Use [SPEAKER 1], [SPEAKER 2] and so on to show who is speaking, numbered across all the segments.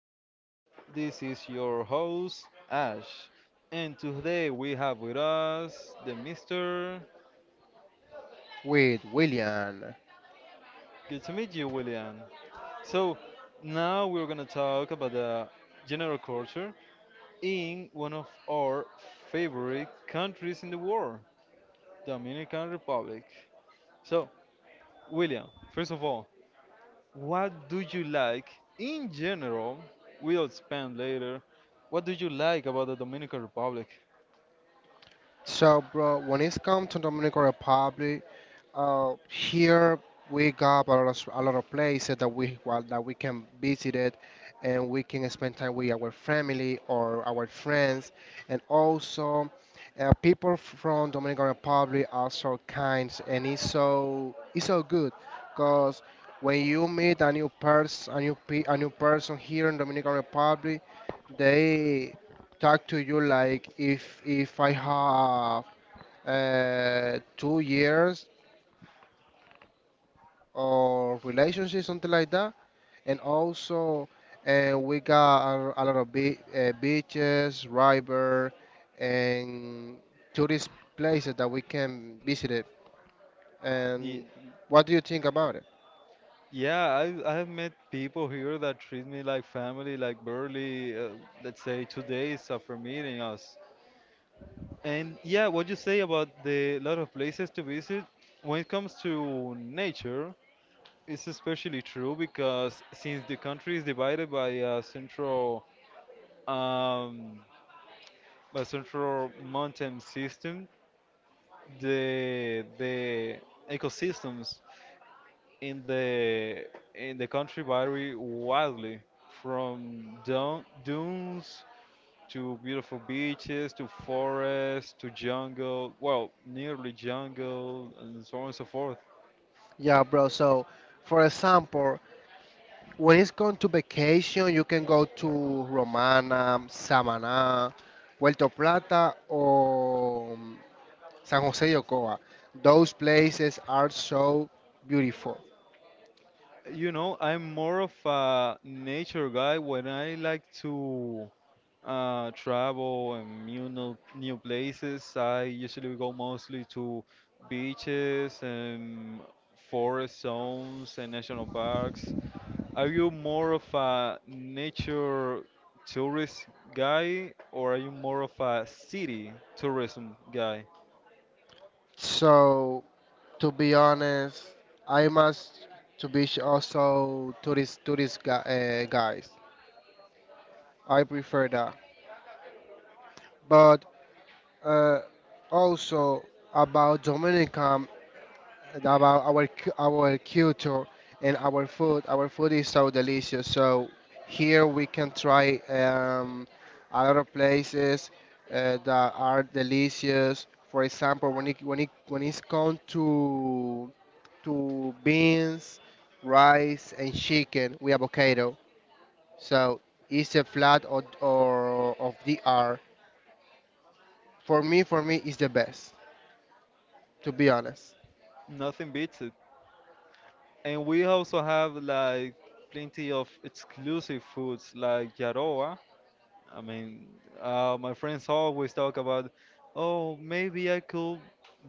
[SPEAKER 1] Quisqueya. This is your host, Ash. And today we have with us the Mr.
[SPEAKER 2] With William.
[SPEAKER 1] Good to meet you, William. So, now we're gonna talk about the general culture in one of our favorite countries in the world, Dominican Republic. So, William, first of all, what do you like in general? We'll expand later. What do you like about the Dominican Republic?
[SPEAKER 2] So, bro, when it's come to Dominican Republic, here we got a lot of places that that we can visit it, and we can spend time with our family or our friends, and also people from Dominican Republic are so kind, and it's so good, cause when you meet a new person, a new person here in Dominican Republic, they talk to you like if I have 2 years or relationship something like that, and also we got a lot of beaches, river, and tourist places that we can visit it.
[SPEAKER 1] The
[SPEAKER 2] And what do you think about it?
[SPEAKER 1] Yeah, I've met people here that treat me like family, like barely, let's say, 2 days after meeting us. And yeah, what you say about the lot of places to visit, when it comes to nature, it's especially true because since the country is divided by um, a central mountain system, the ecosystems in the in the country vary wildly from dunes to beautiful beaches to forests, to jungle, well, nearly jungle, and so on and so forth.
[SPEAKER 2] Yeah, bro. So, for example, when it's going to vacation, you can go to Romana, Samaná, Puerto Plata, or San Jose de Ocoa. Those places are so beautiful.
[SPEAKER 1] You know, I'm more of a nature guy. When I like to travel and new no- new places, I usually go mostly to beaches and forest zones and national parks. Are you more of a nature tourist guy, or are you more of a city tourism guy?
[SPEAKER 2] So, to be honest, I must also tourist guys. I prefer that. But uh, also about Dominican, about our culture and our food. Our food is so delicious. So here we can try a lot of places that are delicious. For example, when it's come to beans, rice, and chicken with avocado. So it's a flat or of the R. For me, it's the best. To be honest.
[SPEAKER 1] Nothing beats it. And we also have like plenty of exclusive foods like Yaroa. I mean, my friends always talk about, oh, maybe I could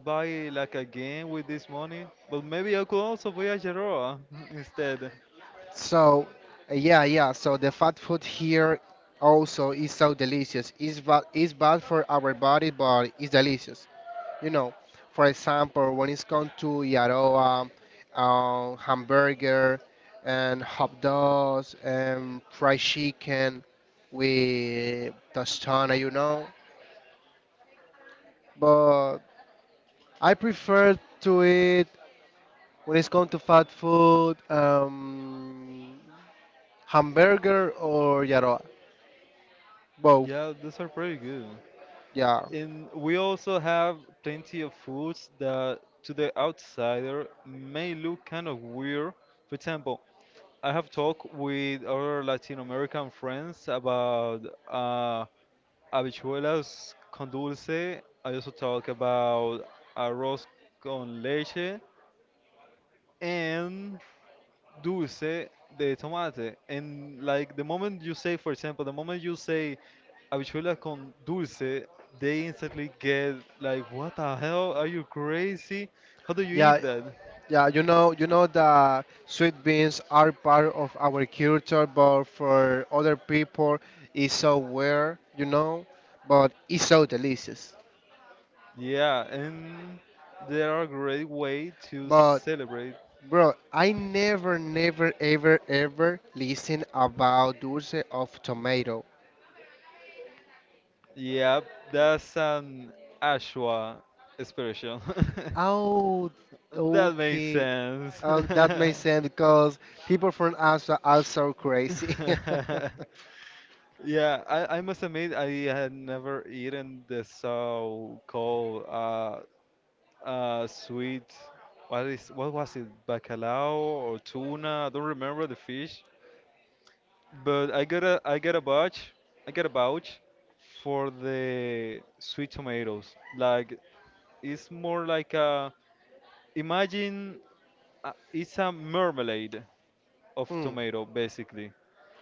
[SPEAKER 1] buy like a game with this money, but maybe I could also buy a Yaroa instead.
[SPEAKER 2] So, yeah, yeah. So the fat food here also is so delicious. It's bad for our body, but it's delicious. You know, for example, when it's come to yaroa, hamburger, and hot dogs, and fried chicken with tostana. But I prefer to eat when it's come to fat food, hamburger or yaroa, both.
[SPEAKER 1] Yeah, those are pretty good.
[SPEAKER 2] Yeah,
[SPEAKER 1] And we also have plenty of foods that to the outsider may look kind of weird. For example, I have talked with other Latin American friends about uh, habichuelas con dulce. I also talk about arroz con leche and dulce de tomate. And like the moment you say, for example, the moment you say Habichuela con dulce, they instantly get like, what the hell? Are you crazy? How do you
[SPEAKER 2] yeah,
[SPEAKER 1] eat that?
[SPEAKER 2] yeah. You know that sweet beans are part of our culture, but for other people, it's so weird, but it's so delicious.
[SPEAKER 1] Yeah, and there are great way to
[SPEAKER 2] But
[SPEAKER 1] celebrate.
[SPEAKER 2] bro, I never, never, ever, ever listen about dulce of tomato.
[SPEAKER 1] Yeah, that's an Ashwa expression.
[SPEAKER 2] Oh,
[SPEAKER 1] That makes
[SPEAKER 2] okay.
[SPEAKER 1] sense.
[SPEAKER 2] Oh, that makes sense because people from us are also crazy.
[SPEAKER 1] Yeah, I must admit I had never eaten the so-called sweet. What is what was it? Bacalao or tuna? I don't remember the fish. But I got a vouch. I got a vouch for the sweet tomatoes. Like it's more like a imagine it's a marmalade of
[SPEAKER 2] Hmm.
[SPEAKER 1] tomato basically,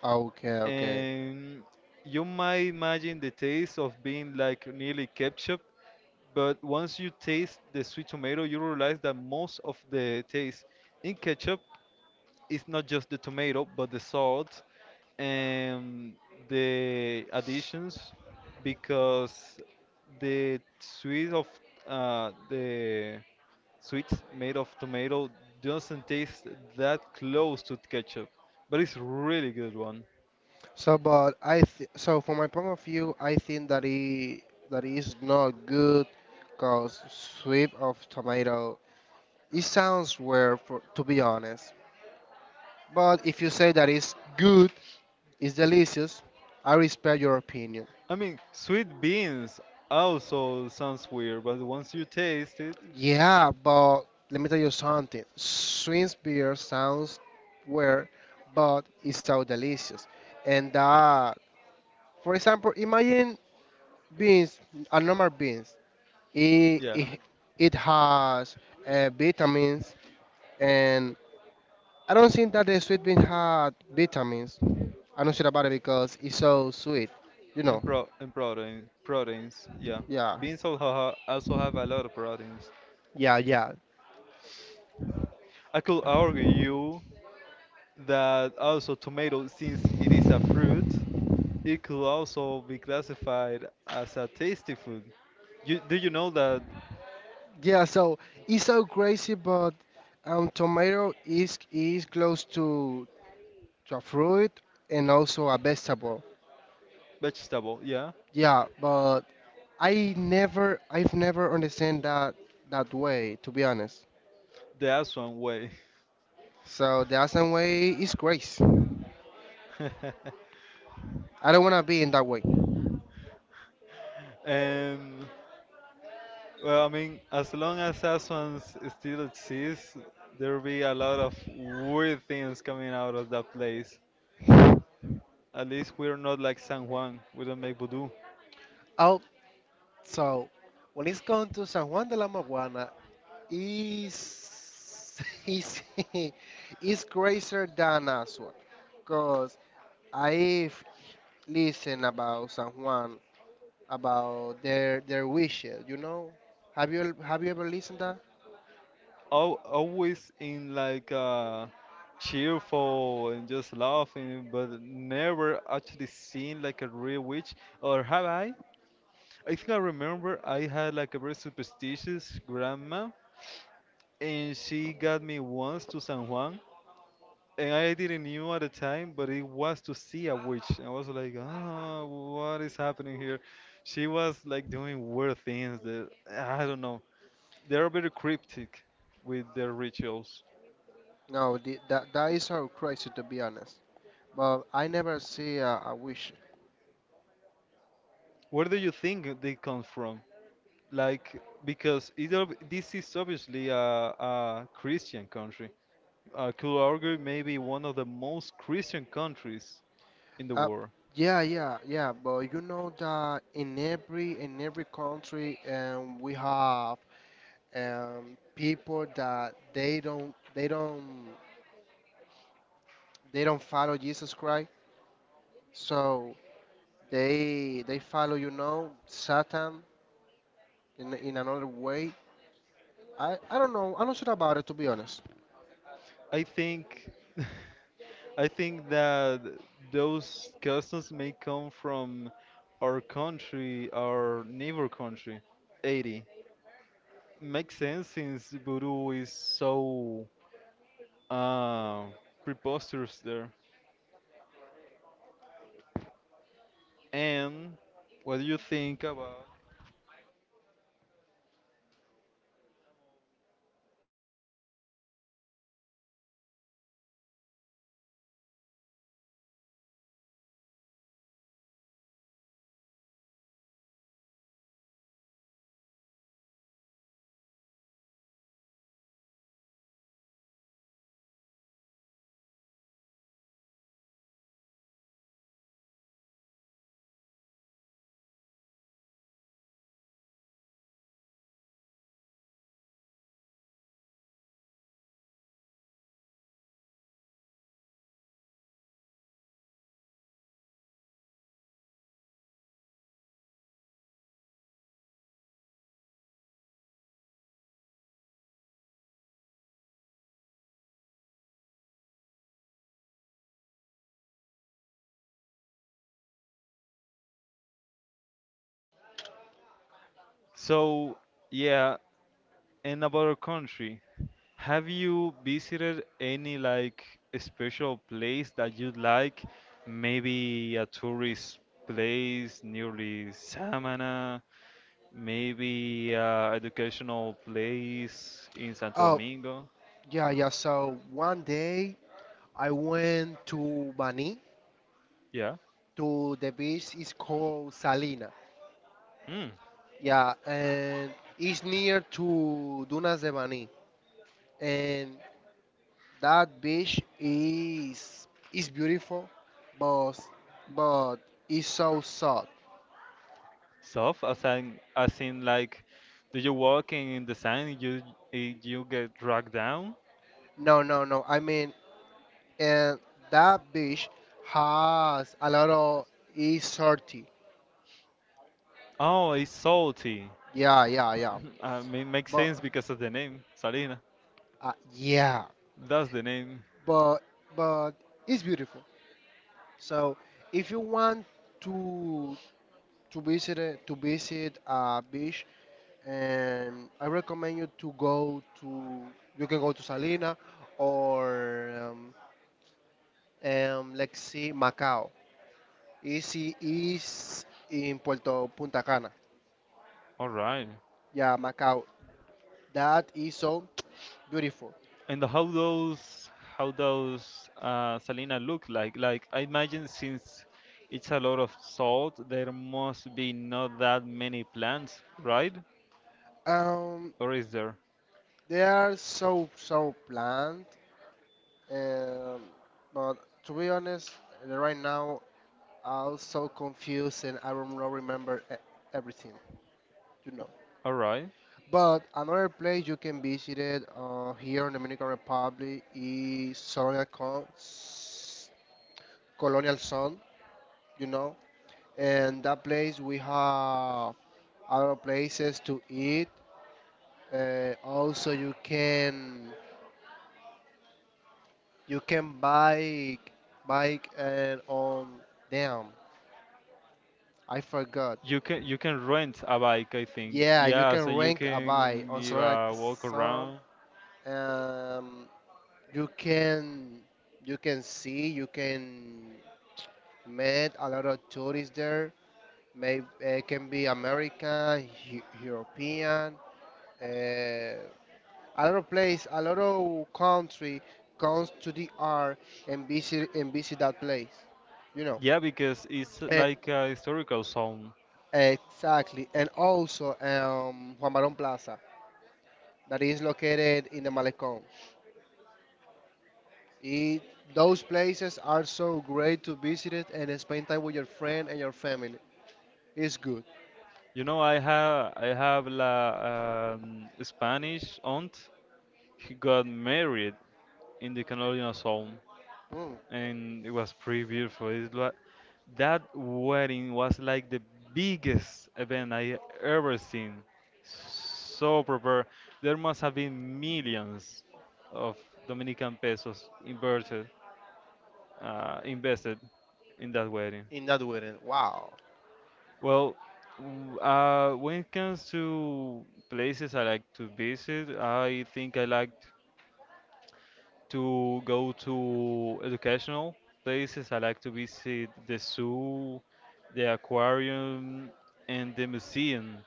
[SPEAKER 2] Okay, okay.
[SPEAKER 1] and you might imagine the taste of being like nearly ketchup, but once you taste the sweet tomato, you realize that most of the taste in ketchup is not just the tomato, but the salt and the additions, because the sweet of the sweet made of tomato doesn't taste that close to ketchup, but it's really good one.
[SPEAKER 2] So, but so from my point of view, I think that it that is not good, cause sweet of tomato. It sounds weird, for, to be honest. But if you say that it's good, it's delicious, I respect your opinion.
[SPEAKER 1] I mean, sweet beans also sounds weird, but once you taste it,
[SPEAKER 2] Yeah, but let me tell you something. Swiss beer sounds weird, but it's so delicious. And that, for example, imagine beans, a normal beans. it,
[SPEAKER 1] yeah,
[SPEAKER 2] it, it has vitamins and I don't think that the sweet bean had vitamins. I'm not sure about it because it's so sweet you know
[SPEAKER 1] and protein proteins, yeah.
[SPEAKER 2] yeah,
[SPEAKER 1] Beans also ha also have a lot of proteins.
[SPEAKER 2] yeah, yeah,
[SPEAKER 1] I could argue you that also tomato, since it is a fruit, it could also be classified as a tasty food. You do you know that
[SPEAKER 2] yeah. So it's so crazy, but tomato is close to a fruit and also a vegetable.
[SPEAKER 1] vegetable? Yeah,
[SPEAKER 2] Yeah, but I've never understand that way, to be honest.
[SPEAKER 1] the Aswan way.
[SPEAKER 2] So the Asian way is grace. I don't want to be in that way.
[SPEAKER 1] And, well, I mean, as long as Aswan still exists, there'll be a lot of weird things coming out of that place. At least we're not like San Juan. We don't make voodoo.
[SPEAKER 2] Oh, so when it's going to San Juan de la Maguana, is is is crazier than Asua, cause I've listened about San Juan, about their wishes. You know, have you ever listened that?
[SPEAKER 1] Always in like cheerful and just laughing, but never actually seen like a real witch. Or have I? I think I remember I had like a very superstitious grandma, and she got me once to San Juan and I didn't knew at the time, but it was to see a witch. I was like, ah, what is happening here? She was like doing weird things that I don't know. They're very cryptic with their rituals.
[SPEAKER 2] No, that is so crazy, to be honest. But I never see a wish.
[SPEAKER 1] Where do you think they come from? Like, because it, this is obviously a Christian country. I could argue maybe one of the most Christian countries in the
[SPEAKER 2] Uh,
[SPEAKER 1] world.
[SPEAKER 2] yeah, yeah, yeah. But you know that in every country, we have people that they don't follow Jesus Christ. So they follow, Satan in another way. I don't know. I'm not sure about it, to be honest.
[SPEAKER 1] I think. I think that those customs may come from our country, our neighbor country, 80. Makes sense since voodoo is so uh, preposterous there. And what do you think about? So, yeah, and about our country. Have you visited any like special place that you would like? Maybe a tourist place nearly Samana. Maybe educational place in Santo
[SPEAKER 2] Oh,
[SPEAKER 1] Domingo.
[SPEAKER 2] yeah, yeah. So one day I went to Bani
[SPEAKER 1] Yeah.
[SPEAKER 2] to the beach. It's called Salina.
[SPEAKER 1] Mm.
[SPEAKER 2] Yeah, and it's near to Dunas de Bani, and that beach is beautiful, but but it's so sad.
[SPEAKER 1] Soft as in like, do you walk in the sand, you you get dragged down?
[SPEAKER 2] No, no, no. I mean, and that beach has a lot of is salty.
[SPEAKER 1] Oh, it's salty.
[SPEAKER 2] Yeah, yeah, yeah.
[SPEAKER 1] I mean, makes
[SPEAKER 2] But
[SPEAKER 1] sense because of the name, Salina.
[SPEAKER 2] yeah,
[SPEAKER 1] That's the name.
[SPEAKER 2] but but it's beautiful. So if you want to to to visit a beach, and I recommend you to go to you can go to Salina or let's see, Macau. Easy is in Puerto Punta Cana.
[SPEAKER 1] All right.
[SPEAKER 2] Yeah, Macau. That is so beautiful.
[SPEAKER 1] And how those Salina look like? Like I imagine since it's a lot of salt, there must be not that many plants, right?
[SPEAKER 2] Um,
[SPEAKER 1] Or is there?
[SPEAKER 2] they are so planned, um, but to be honest, right now I'm so confused and I don't remember everything. You know.
[SPEAKER 1] All right.
[SPEAKER 2] But another place you can visit it here in Dominican Republic is Colonial, Colonial Sun, you know. And that place we have other places to eat. Also, you can bike and on damn I forgot.
[SPEAKER 1] You can rent a bike, I think.
[SPEAKER 2] Yeah, you
[SPEAKER 1] Yeah,
[SPEAKER 2] can
[SPEAKER 1] so you
[SPEAKER 2] rent a bike
[SPEAKER 1] can
[SPEAKER 2] on
[SPEAKER 1] give
[SPEAKER 2] Solana
[SPEAKER 1] a walk
[SPEAKER 2] Sun.
[SPEAKER 1] around.
[SPEAKER 2] Um, you can you can met a lot of tourists there. Maybe can be American, European, a lot of place, a lot of country comes to the R and visit that place. You know.
[SPEAKER 1] Yeah, because it's
[SPEAKER 2] Eh,
[SPEAKER 1] like a historical zone.
[SPEAKER 2] exactly. And also Juan Barón Plaza, that is located in the Malecón. It, those places are so great to visit it and spend time with your friend and your family. It's good.
[SPEAKER 1] You know, I have la Spanish aunt. He got married in the colonial zone.
[SPEAKER 2] Mm,
[SPEAKER 1] And it was pretty beautiful. It was, that wedding was like the biggest event I ever seen. So prepared. There must have been millions of Dominican pesos inverted, invested in that wedding.
[SPEAKER 2] in that way, wow.
[SPEAKER 1] Well, when it comes to places I like to visit, I think I like to go to educational places. I like to visit the zoo, the aquarium, and the museum.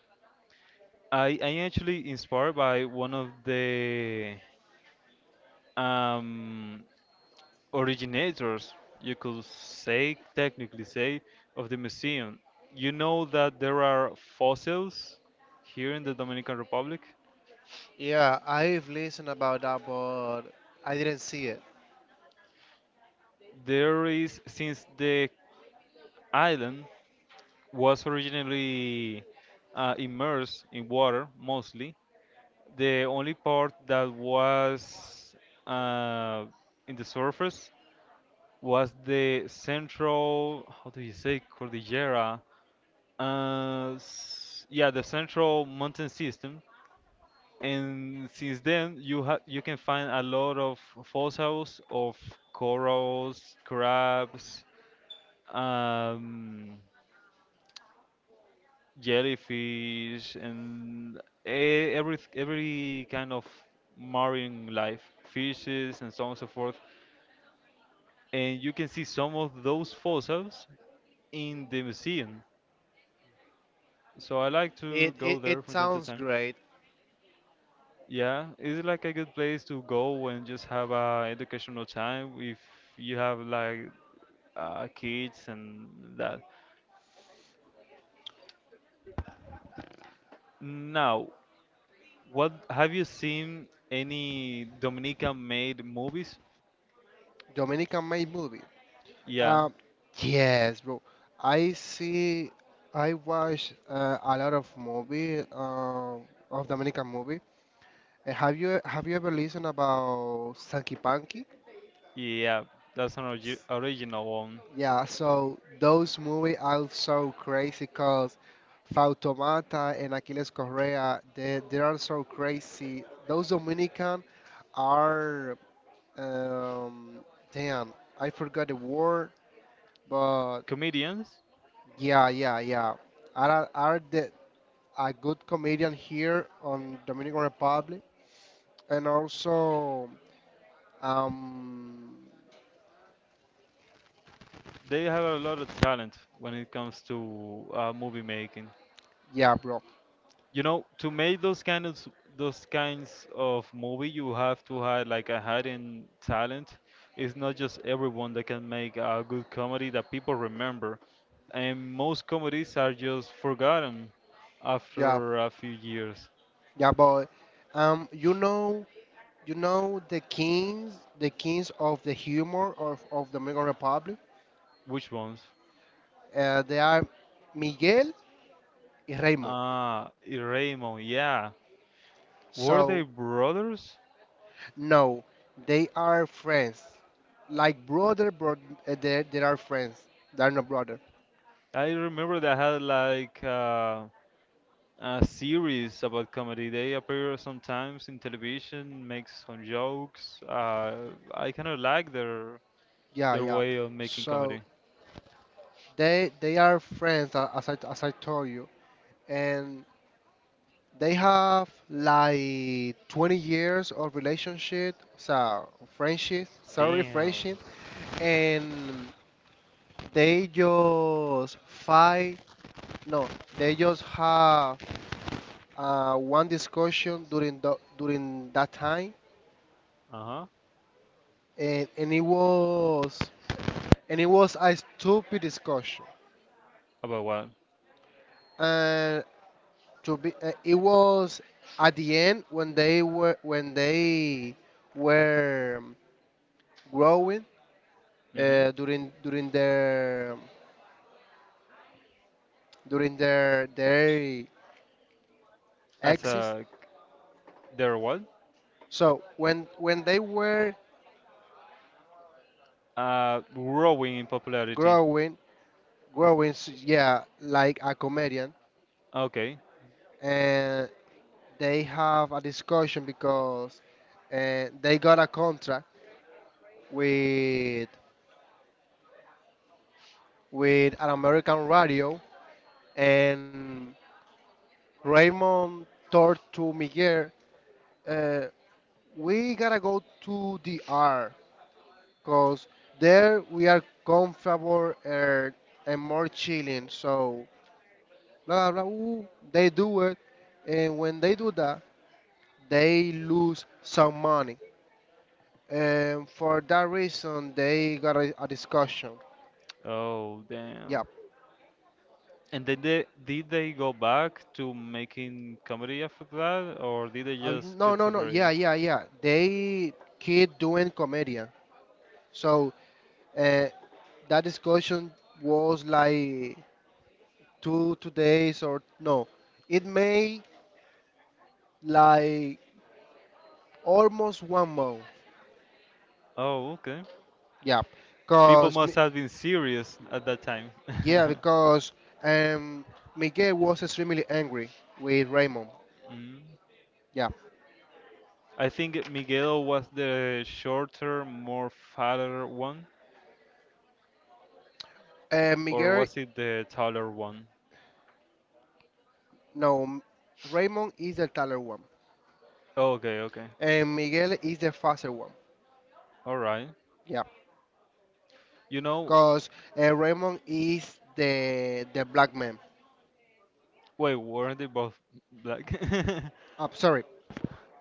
[SPEAKER 1] I actually inspired by one of the um, originators, you could say, technically say, of the museum. You know that there are fossils here in the Dominican Republic.
[SPEAKER 2] Yeah, I've listened about that, but I didn't see it.
[SPEAKER 1] There is since the island was originally immersed in water mostly. The only part that was uh, in the surface was the central, how do you say, Cordillera? Yeah, the central mountain system. And since then, you ha you can find a lot of fossils of corals, crabs, um, jellyfish and every kind of marine life, fishes and so on and so forth. And you can see some of those fossils in the museum. So I like to go there
[SPEAKER 2] It
[SPEAKER 1] from time to
[SPEAKER 2] sounds
[SPEAKER 1] time.
[SPEAKER 2] great.
[SPEAKER 1] Yeah, it's like a good place to go and just have a educational time if you have like kids and that. Now, what have you seen any Dominican made movies?
[SPEAKER 2] Dominican made movie.
[SPEAKER 1] Yeah,
[SPEAKER 2] Um, yes, bro. I see. I watch a lot of movie of Dominican movie. Have you have you ever listened about Sanky Panky?
[SPEAKER 1] yeah, that's an orgi original one.
[SPEAKER 2] Yeah, so those movies are so crazy because Fautomata and Aquiles Correa, they are so crazy. Those Dominican are. Um, Damn, I forgot the word, but
[SPEAKER 1] Comedians,
[SPEAKER 2] yeah, yeah, yeah. Are the a good comedian here on Dominican Republic, and also um,
[SPEAKER 1] they have a lot of talent when it comes to movie making.
[SPEAKER 2] yeah, bro,
[SPEAKER 1] You know, to make those those kinds of movie, you have to have like a hidden talent. It's not just everyone that can make a good comedy that people remember, and most comedies are just forgotten
[SPEAKER 2] yeah,
[SPEAKER 1] after a few years.
[SPEAKER 2] yeah, but um, you know, you know the the kings of the humor of Dominican Republic.
[SPEAKER 1] Which ones?
[SPEAKER 2] They are Miguel and Raymond.
[SPEAKER 1] Ah, Raymond, yeah. Were they
[SPEAKER 2] So,
[SPEAKER 1] brothers?
[SPEAKER 2] no, they are friends. Like brother, bro, they are friends. They're not brother.
[SPEAKER 1] I remember they had like a series about comedy. They appear sometimes in television, make some jokes. I kind of like
[SPEAKER 2] Yeah,
[SPEAKER 1] their
[SPEAKER 2] yeah.
[SPEAKER 1] way of making
[SPEAKER 2] So
[SPEAKER 1] comedy.
[SPEAKER 2] they are friends, as I told you, and they have like 20 years of relationship, so friendship, sorry,
[SPEAKER 1] Damn.
[SPEAKER 2] friendship, and they just fight. No, they just have one discussion during during that time,
[SPEAKER 1] Uh-huh.
[SPEAKER 2] and and it was and it was a stupid discussion.
[SPEAKER 1] About what?
[SPEAKER 2] And it was at the end when they were growing
[SPEAKER 1] Mm-hmm.
[SPEAKER 2] during their
[SPEAKER 1] As
[SPEAKER 2] exist.
[SPEAKER 1] a they're what?
[SPEAKER 2] So when they were
[SPEAKER 1] Growing in popularity.
[SPEAKER 2] growing yeah, like a comedian,
[SPEAKER 1] Okay.
[SPEAKER 2] and they have a discussion because they got a contract with with an American radio, and Raymond told to Miguel, uh, "We gotta go to the R, cause there we are comfortable and more chilling." So blah blah blah. Ooh, they do it, and when they do that, they lose some money, and for that reason, they got a discussion.
[SPEAKER 1] Oh, damn.
[SPEAKER 2] Yep.
[SPEAKER 1] And did they go back to making comedy after that, or did they just
[SPEAKER 2] No,
[SPEAKER 1] get
[SPEAKER 2] no, no. Yeah,
[SPEAKER 1] separated?
[SPEAKER 2] yeah, yeah. They keep doing comedian. So uh, that discussion was like two two days, or no, it may, like, almost one month.
[SPEAKER 1] Oh, okay.
[SPEAKER 2] Yeah,
[SPEAKER 1] People
[SPEAKER 2] because
[SPEAKER 1] must have been serious at that time.
[SPEAKER 2] yeah because um Miguel was extremely angry with Raymond.
[SPEAKER 1] Mm.
[SPEAKER 2] Yeah.
[SPEAKER 1] I think Miguel was the shorter, more fatter one,
[SPEAKER 2] And
[SPEAKER 1] or
[SPEAKER 2] Miguel,
[SPEAKER 1] was it the taller one?
[SPEAKER 2] no, Raymond is the taller one,
[SPEAKER 1] Okay, okay.
[SPEAKER 2] and Miguel is the faster one.
[SPEAKER 1] All right.
[SPEAKER 2] Yeah,
[SPEAKER 1] You know,
[SPEAKER 2] because Raymond is the black man.
[SPEAKER 1] wait, weren't they both black?
[SPEAKER 2] I'm sorry,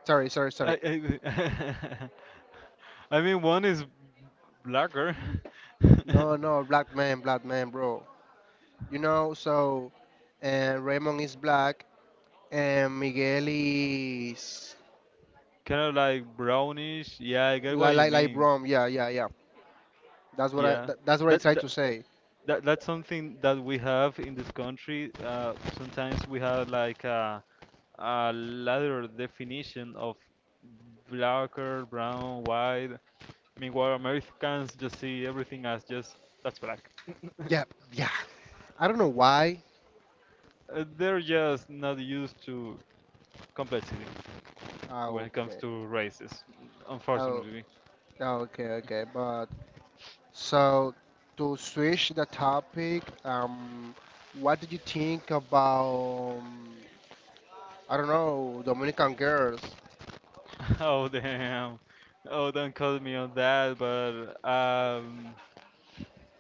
[SPEAKER 2] sorry, sorry, sorry.
[SPEAKER 1] I, I, I mean, one is blacker.
[SPEAKER 2] No, no, black man, black man, bro. You know, so Raymond is black, and Miguel is
[SPEAKER 1] Kind of like brownish. Yeah, I get what you
[SPEAKER 2] like
[SPEAKER 1] mean.
[SPEAKER 2] brown. Yeah, yeah, yeah.
[SPEAKER 1] Yeah.
[SPEAKER 2] That's what I
[SPEAKER 1] That,
[SPEAKER 2] tried
[SPEAKER 1] that
[SPEAKER 2] to say.
[SPEAKER 1] that's something that we have in this country. Sometimes we have like a ladder definition of blacker, brown, white. Meanwhile, Americans just see everything as just that's black.
[SPEAKER 2] Yeah, yeah. I don't know why.
[SPEAKER 1] They're just not used to complexity
[SPEAKER 2] Ah,
[SPEAKER 1] when it comes
[SPEAKER 2] okay.
[SPEAKER 1] to races,
[SPEAKER 2] Oh,
[SPEAKER 1] unfortunately.
[SPEAKER 2] oh, okay, okay. But so to switch the topic, what did you think about I don't know, Dominican girls?
[SPEAKER 1] Oh damn! Oh, don't call me on that. But um,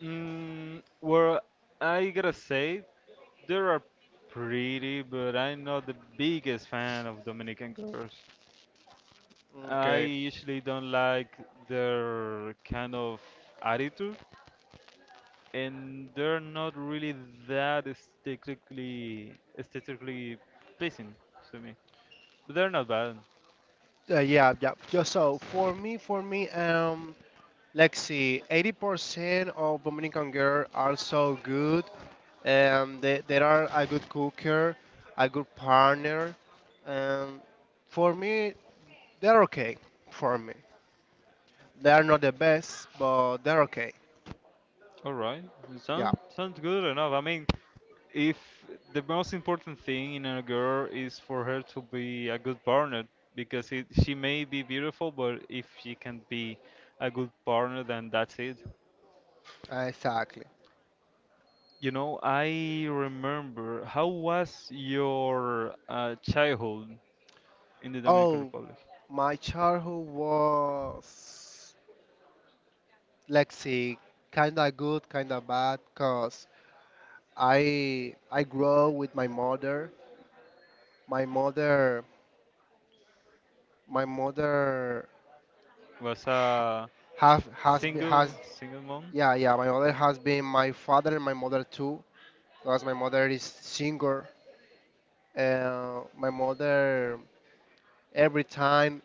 [SPEAKER 1] mm, well, I gotta say they are pretty, but I'm not the biggest fan of Dominican girls. I
[SPEAKER 2] Okay.
[SPEAKER 1] usually don't like their kind of attitude, and they're not really that aesthetically pleasing to me. But they're not bad.
[SPEAKER 2] Yeah, yeah. Just so for me. Let's see, 80% of Dominican girls are so good. They are a good cooker, a good partner. Um, for me, they're okay. For me, they are not the best, but they're okay.
[SPEAKER 1] All right,
[SPEAKER 2] Yeah,
[SPEAKER 1] sounds good enough. I mean, if the most important thing in a girl is for her to be a good partner, because it, she may be beautiful, but if she can be a good partner, then that's it.
[SPEAKER 2] exactly.
[SPEAKER 1] You know, I remember how was your childhood in the Dominican
[SPEAKER 2] Oh,
[SPEAKER 1] Republic.
[SPEAKER 2] my childhood was, let's see, kinda good, kinda bad, cause I grew up with my mother. My mother, my mother
[SPEAKER 1] Was
[SPEAKER 2] ha-
[SPEAKER 1] a
[SPEAKER 2] have has been has.
[SPEAKER 1] single mom.
[SPEAKER 2] Yeah, yeah, my mother has been my father and my mother too, because my mother is singer. My mother, every time,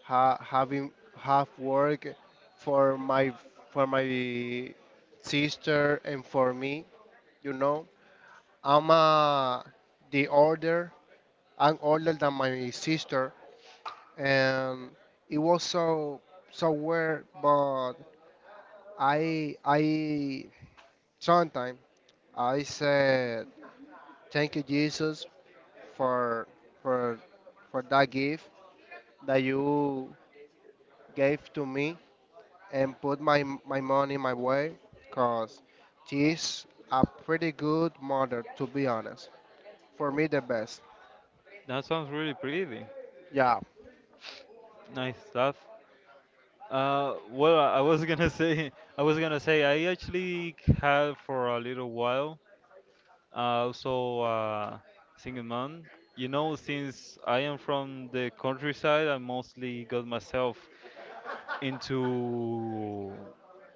[SPEAKER 2] having have work for my for my sister and for me you know I'm the older. I'm older than my sister, and it was so weird, but I, sometimes, I said, "Thank you, Jesus, for for that gift that you gave to me, and put my money my way, cause she's a pretty good mother, to be honest. For me, the best.
[SPEAKER 1] That sounds really pretty
[SPEAKER 2] Yeah.
[SPEAKER 1] nice stuff. Well, I was gonna say, I was gonna say I actually had for a little while also, single mom. You know, since I am from the countryside, I mostly got myself into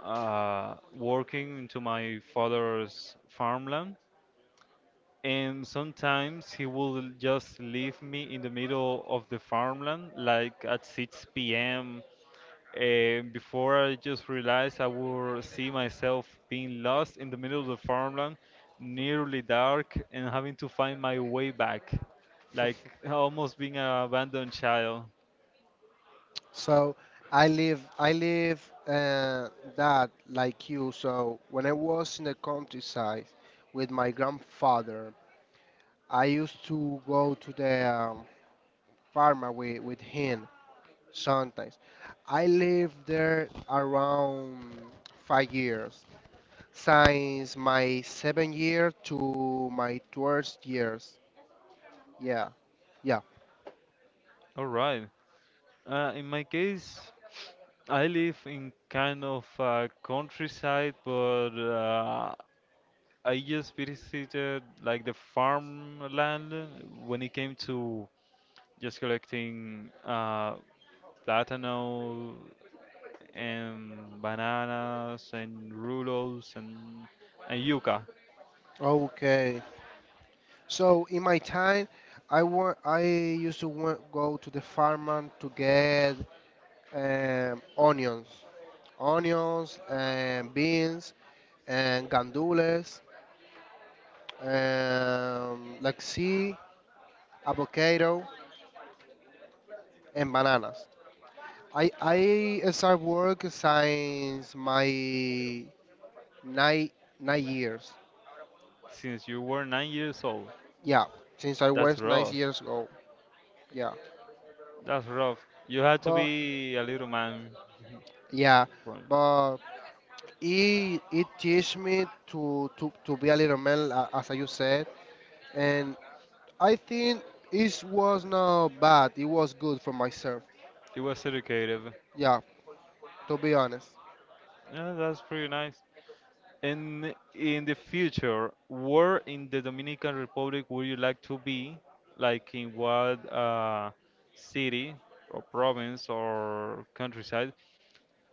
[SPEAKER 1] working into my father's farmland. And sometimes he will just leave me in the middle of the farmland, like at 6 p.m. And before I just realized, I would see myself being lost in the middle of the farmland, nearly dark, and having to find my way back, like almost being an abandoned child.
[SPEAKER 2] So I live that like you. So when I was in the countryside with my grandfather, I used to go to the farmer with him sometimes. I lived there around 5 years, since my seventh year to my 12th years. Yeah, yeah.
[SPEAKER 1] All right. In my case, I live in kind of countryside, but I just visited like the farmland when it came to just collecting platano and bananas and rulos and yuca
[SPEAKER 2] Okay. So in my time, I used to go to the farm to get onions, and beans and gandules, like sea, avocado and bananas. I start work since my nine nine years.
[SPEAKER 1] since you were 9 years old.
[SPEAKER 2] Yeah, since I
[SPEAKER 1] That's
[SPEAKER 2] was nine
[SPEAKER 1] rough.
[SPEAKER 2] years old. Yeah,
[SPEAKER 1] That's rough. You had to
[SPEAKER 2] but
[SPEAKER 1] be a little man.
[SPEAKER 2] yeah,
[SPEAKER 1] From
[SPEAKER 2] but it teach me to be a little man, as you said, and I think it was not bad. It was good for myself.
[SPEAKER 1] it was educative.
[SPEAKER 2] Yeah, to be honest.
[SPEAKER 1] Yeah, that's pretty nice. And in the future, where in the Dominican Republic would you like to be? Like in what city or province or countryside?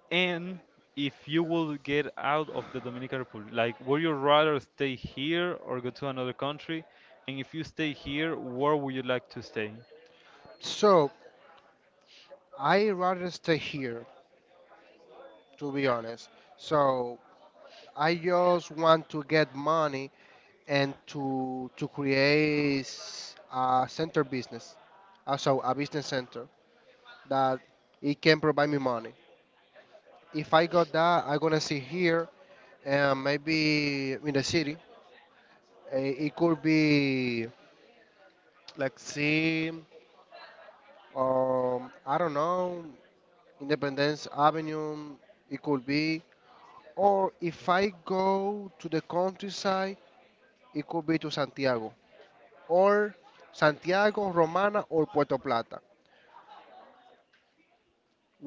[SPEAKER 1] And if you would get out of the Dominican Republic, like, would you rather stay here or go to another country? And if you stay here, where would you like to stay?
[SPEAKER 2] So I rather stay here. To be honest, so I just want to get money and to create a center business, so a business center that it can provide me money. If I got that, I'm gonna see here, and maybe in the city, it could be, like, see, I don't know, Independence Avenue. It could be, or if I go to the countryside, it could be to Santiago, or Santiago, Romana, or Puerto Plata.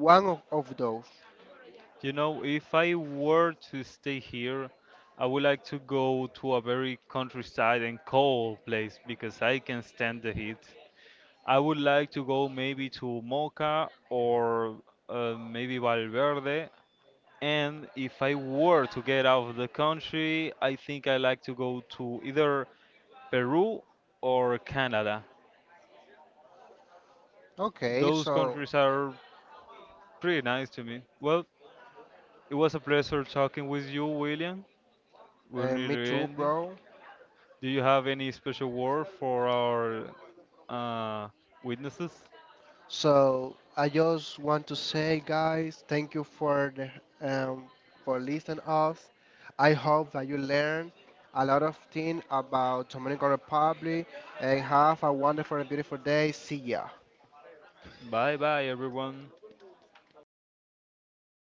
[SPEAKER 2] One of those.
[SPEAKER 1] You know, if I were to stay here, I would like to go to a very countryside and cold place because I can stand the heat. I would like to go maybe to Mocha or maybe Valverde. And if I were to get out of the country, I think I like to go to either Peru or Canada.
[SPEAKER 2] Okay,
[SPEAKER 1] Those
[SPEAKER 2] so
[SPEAKER 1] countries are pretty nice to me. Well, it was a pleasure talking with you, William. We're
[SPEAKER 2] me
[SPEAKER 1] nearly
[SPEAKER 2] too,
[SPEAKER 1] ending.
[SPEAKER 2] bro.
[SPEAKER 1] Do you have any special word for our uh, witnesses?
[SPEAKER 2] So I just want to say, guys, thank you um, for listening us. I hope that you learned a lot of things about Dominican Republic and have a wonderful and beautiful day. See ya.
[SPEAKER 1] Bye bye, everyone.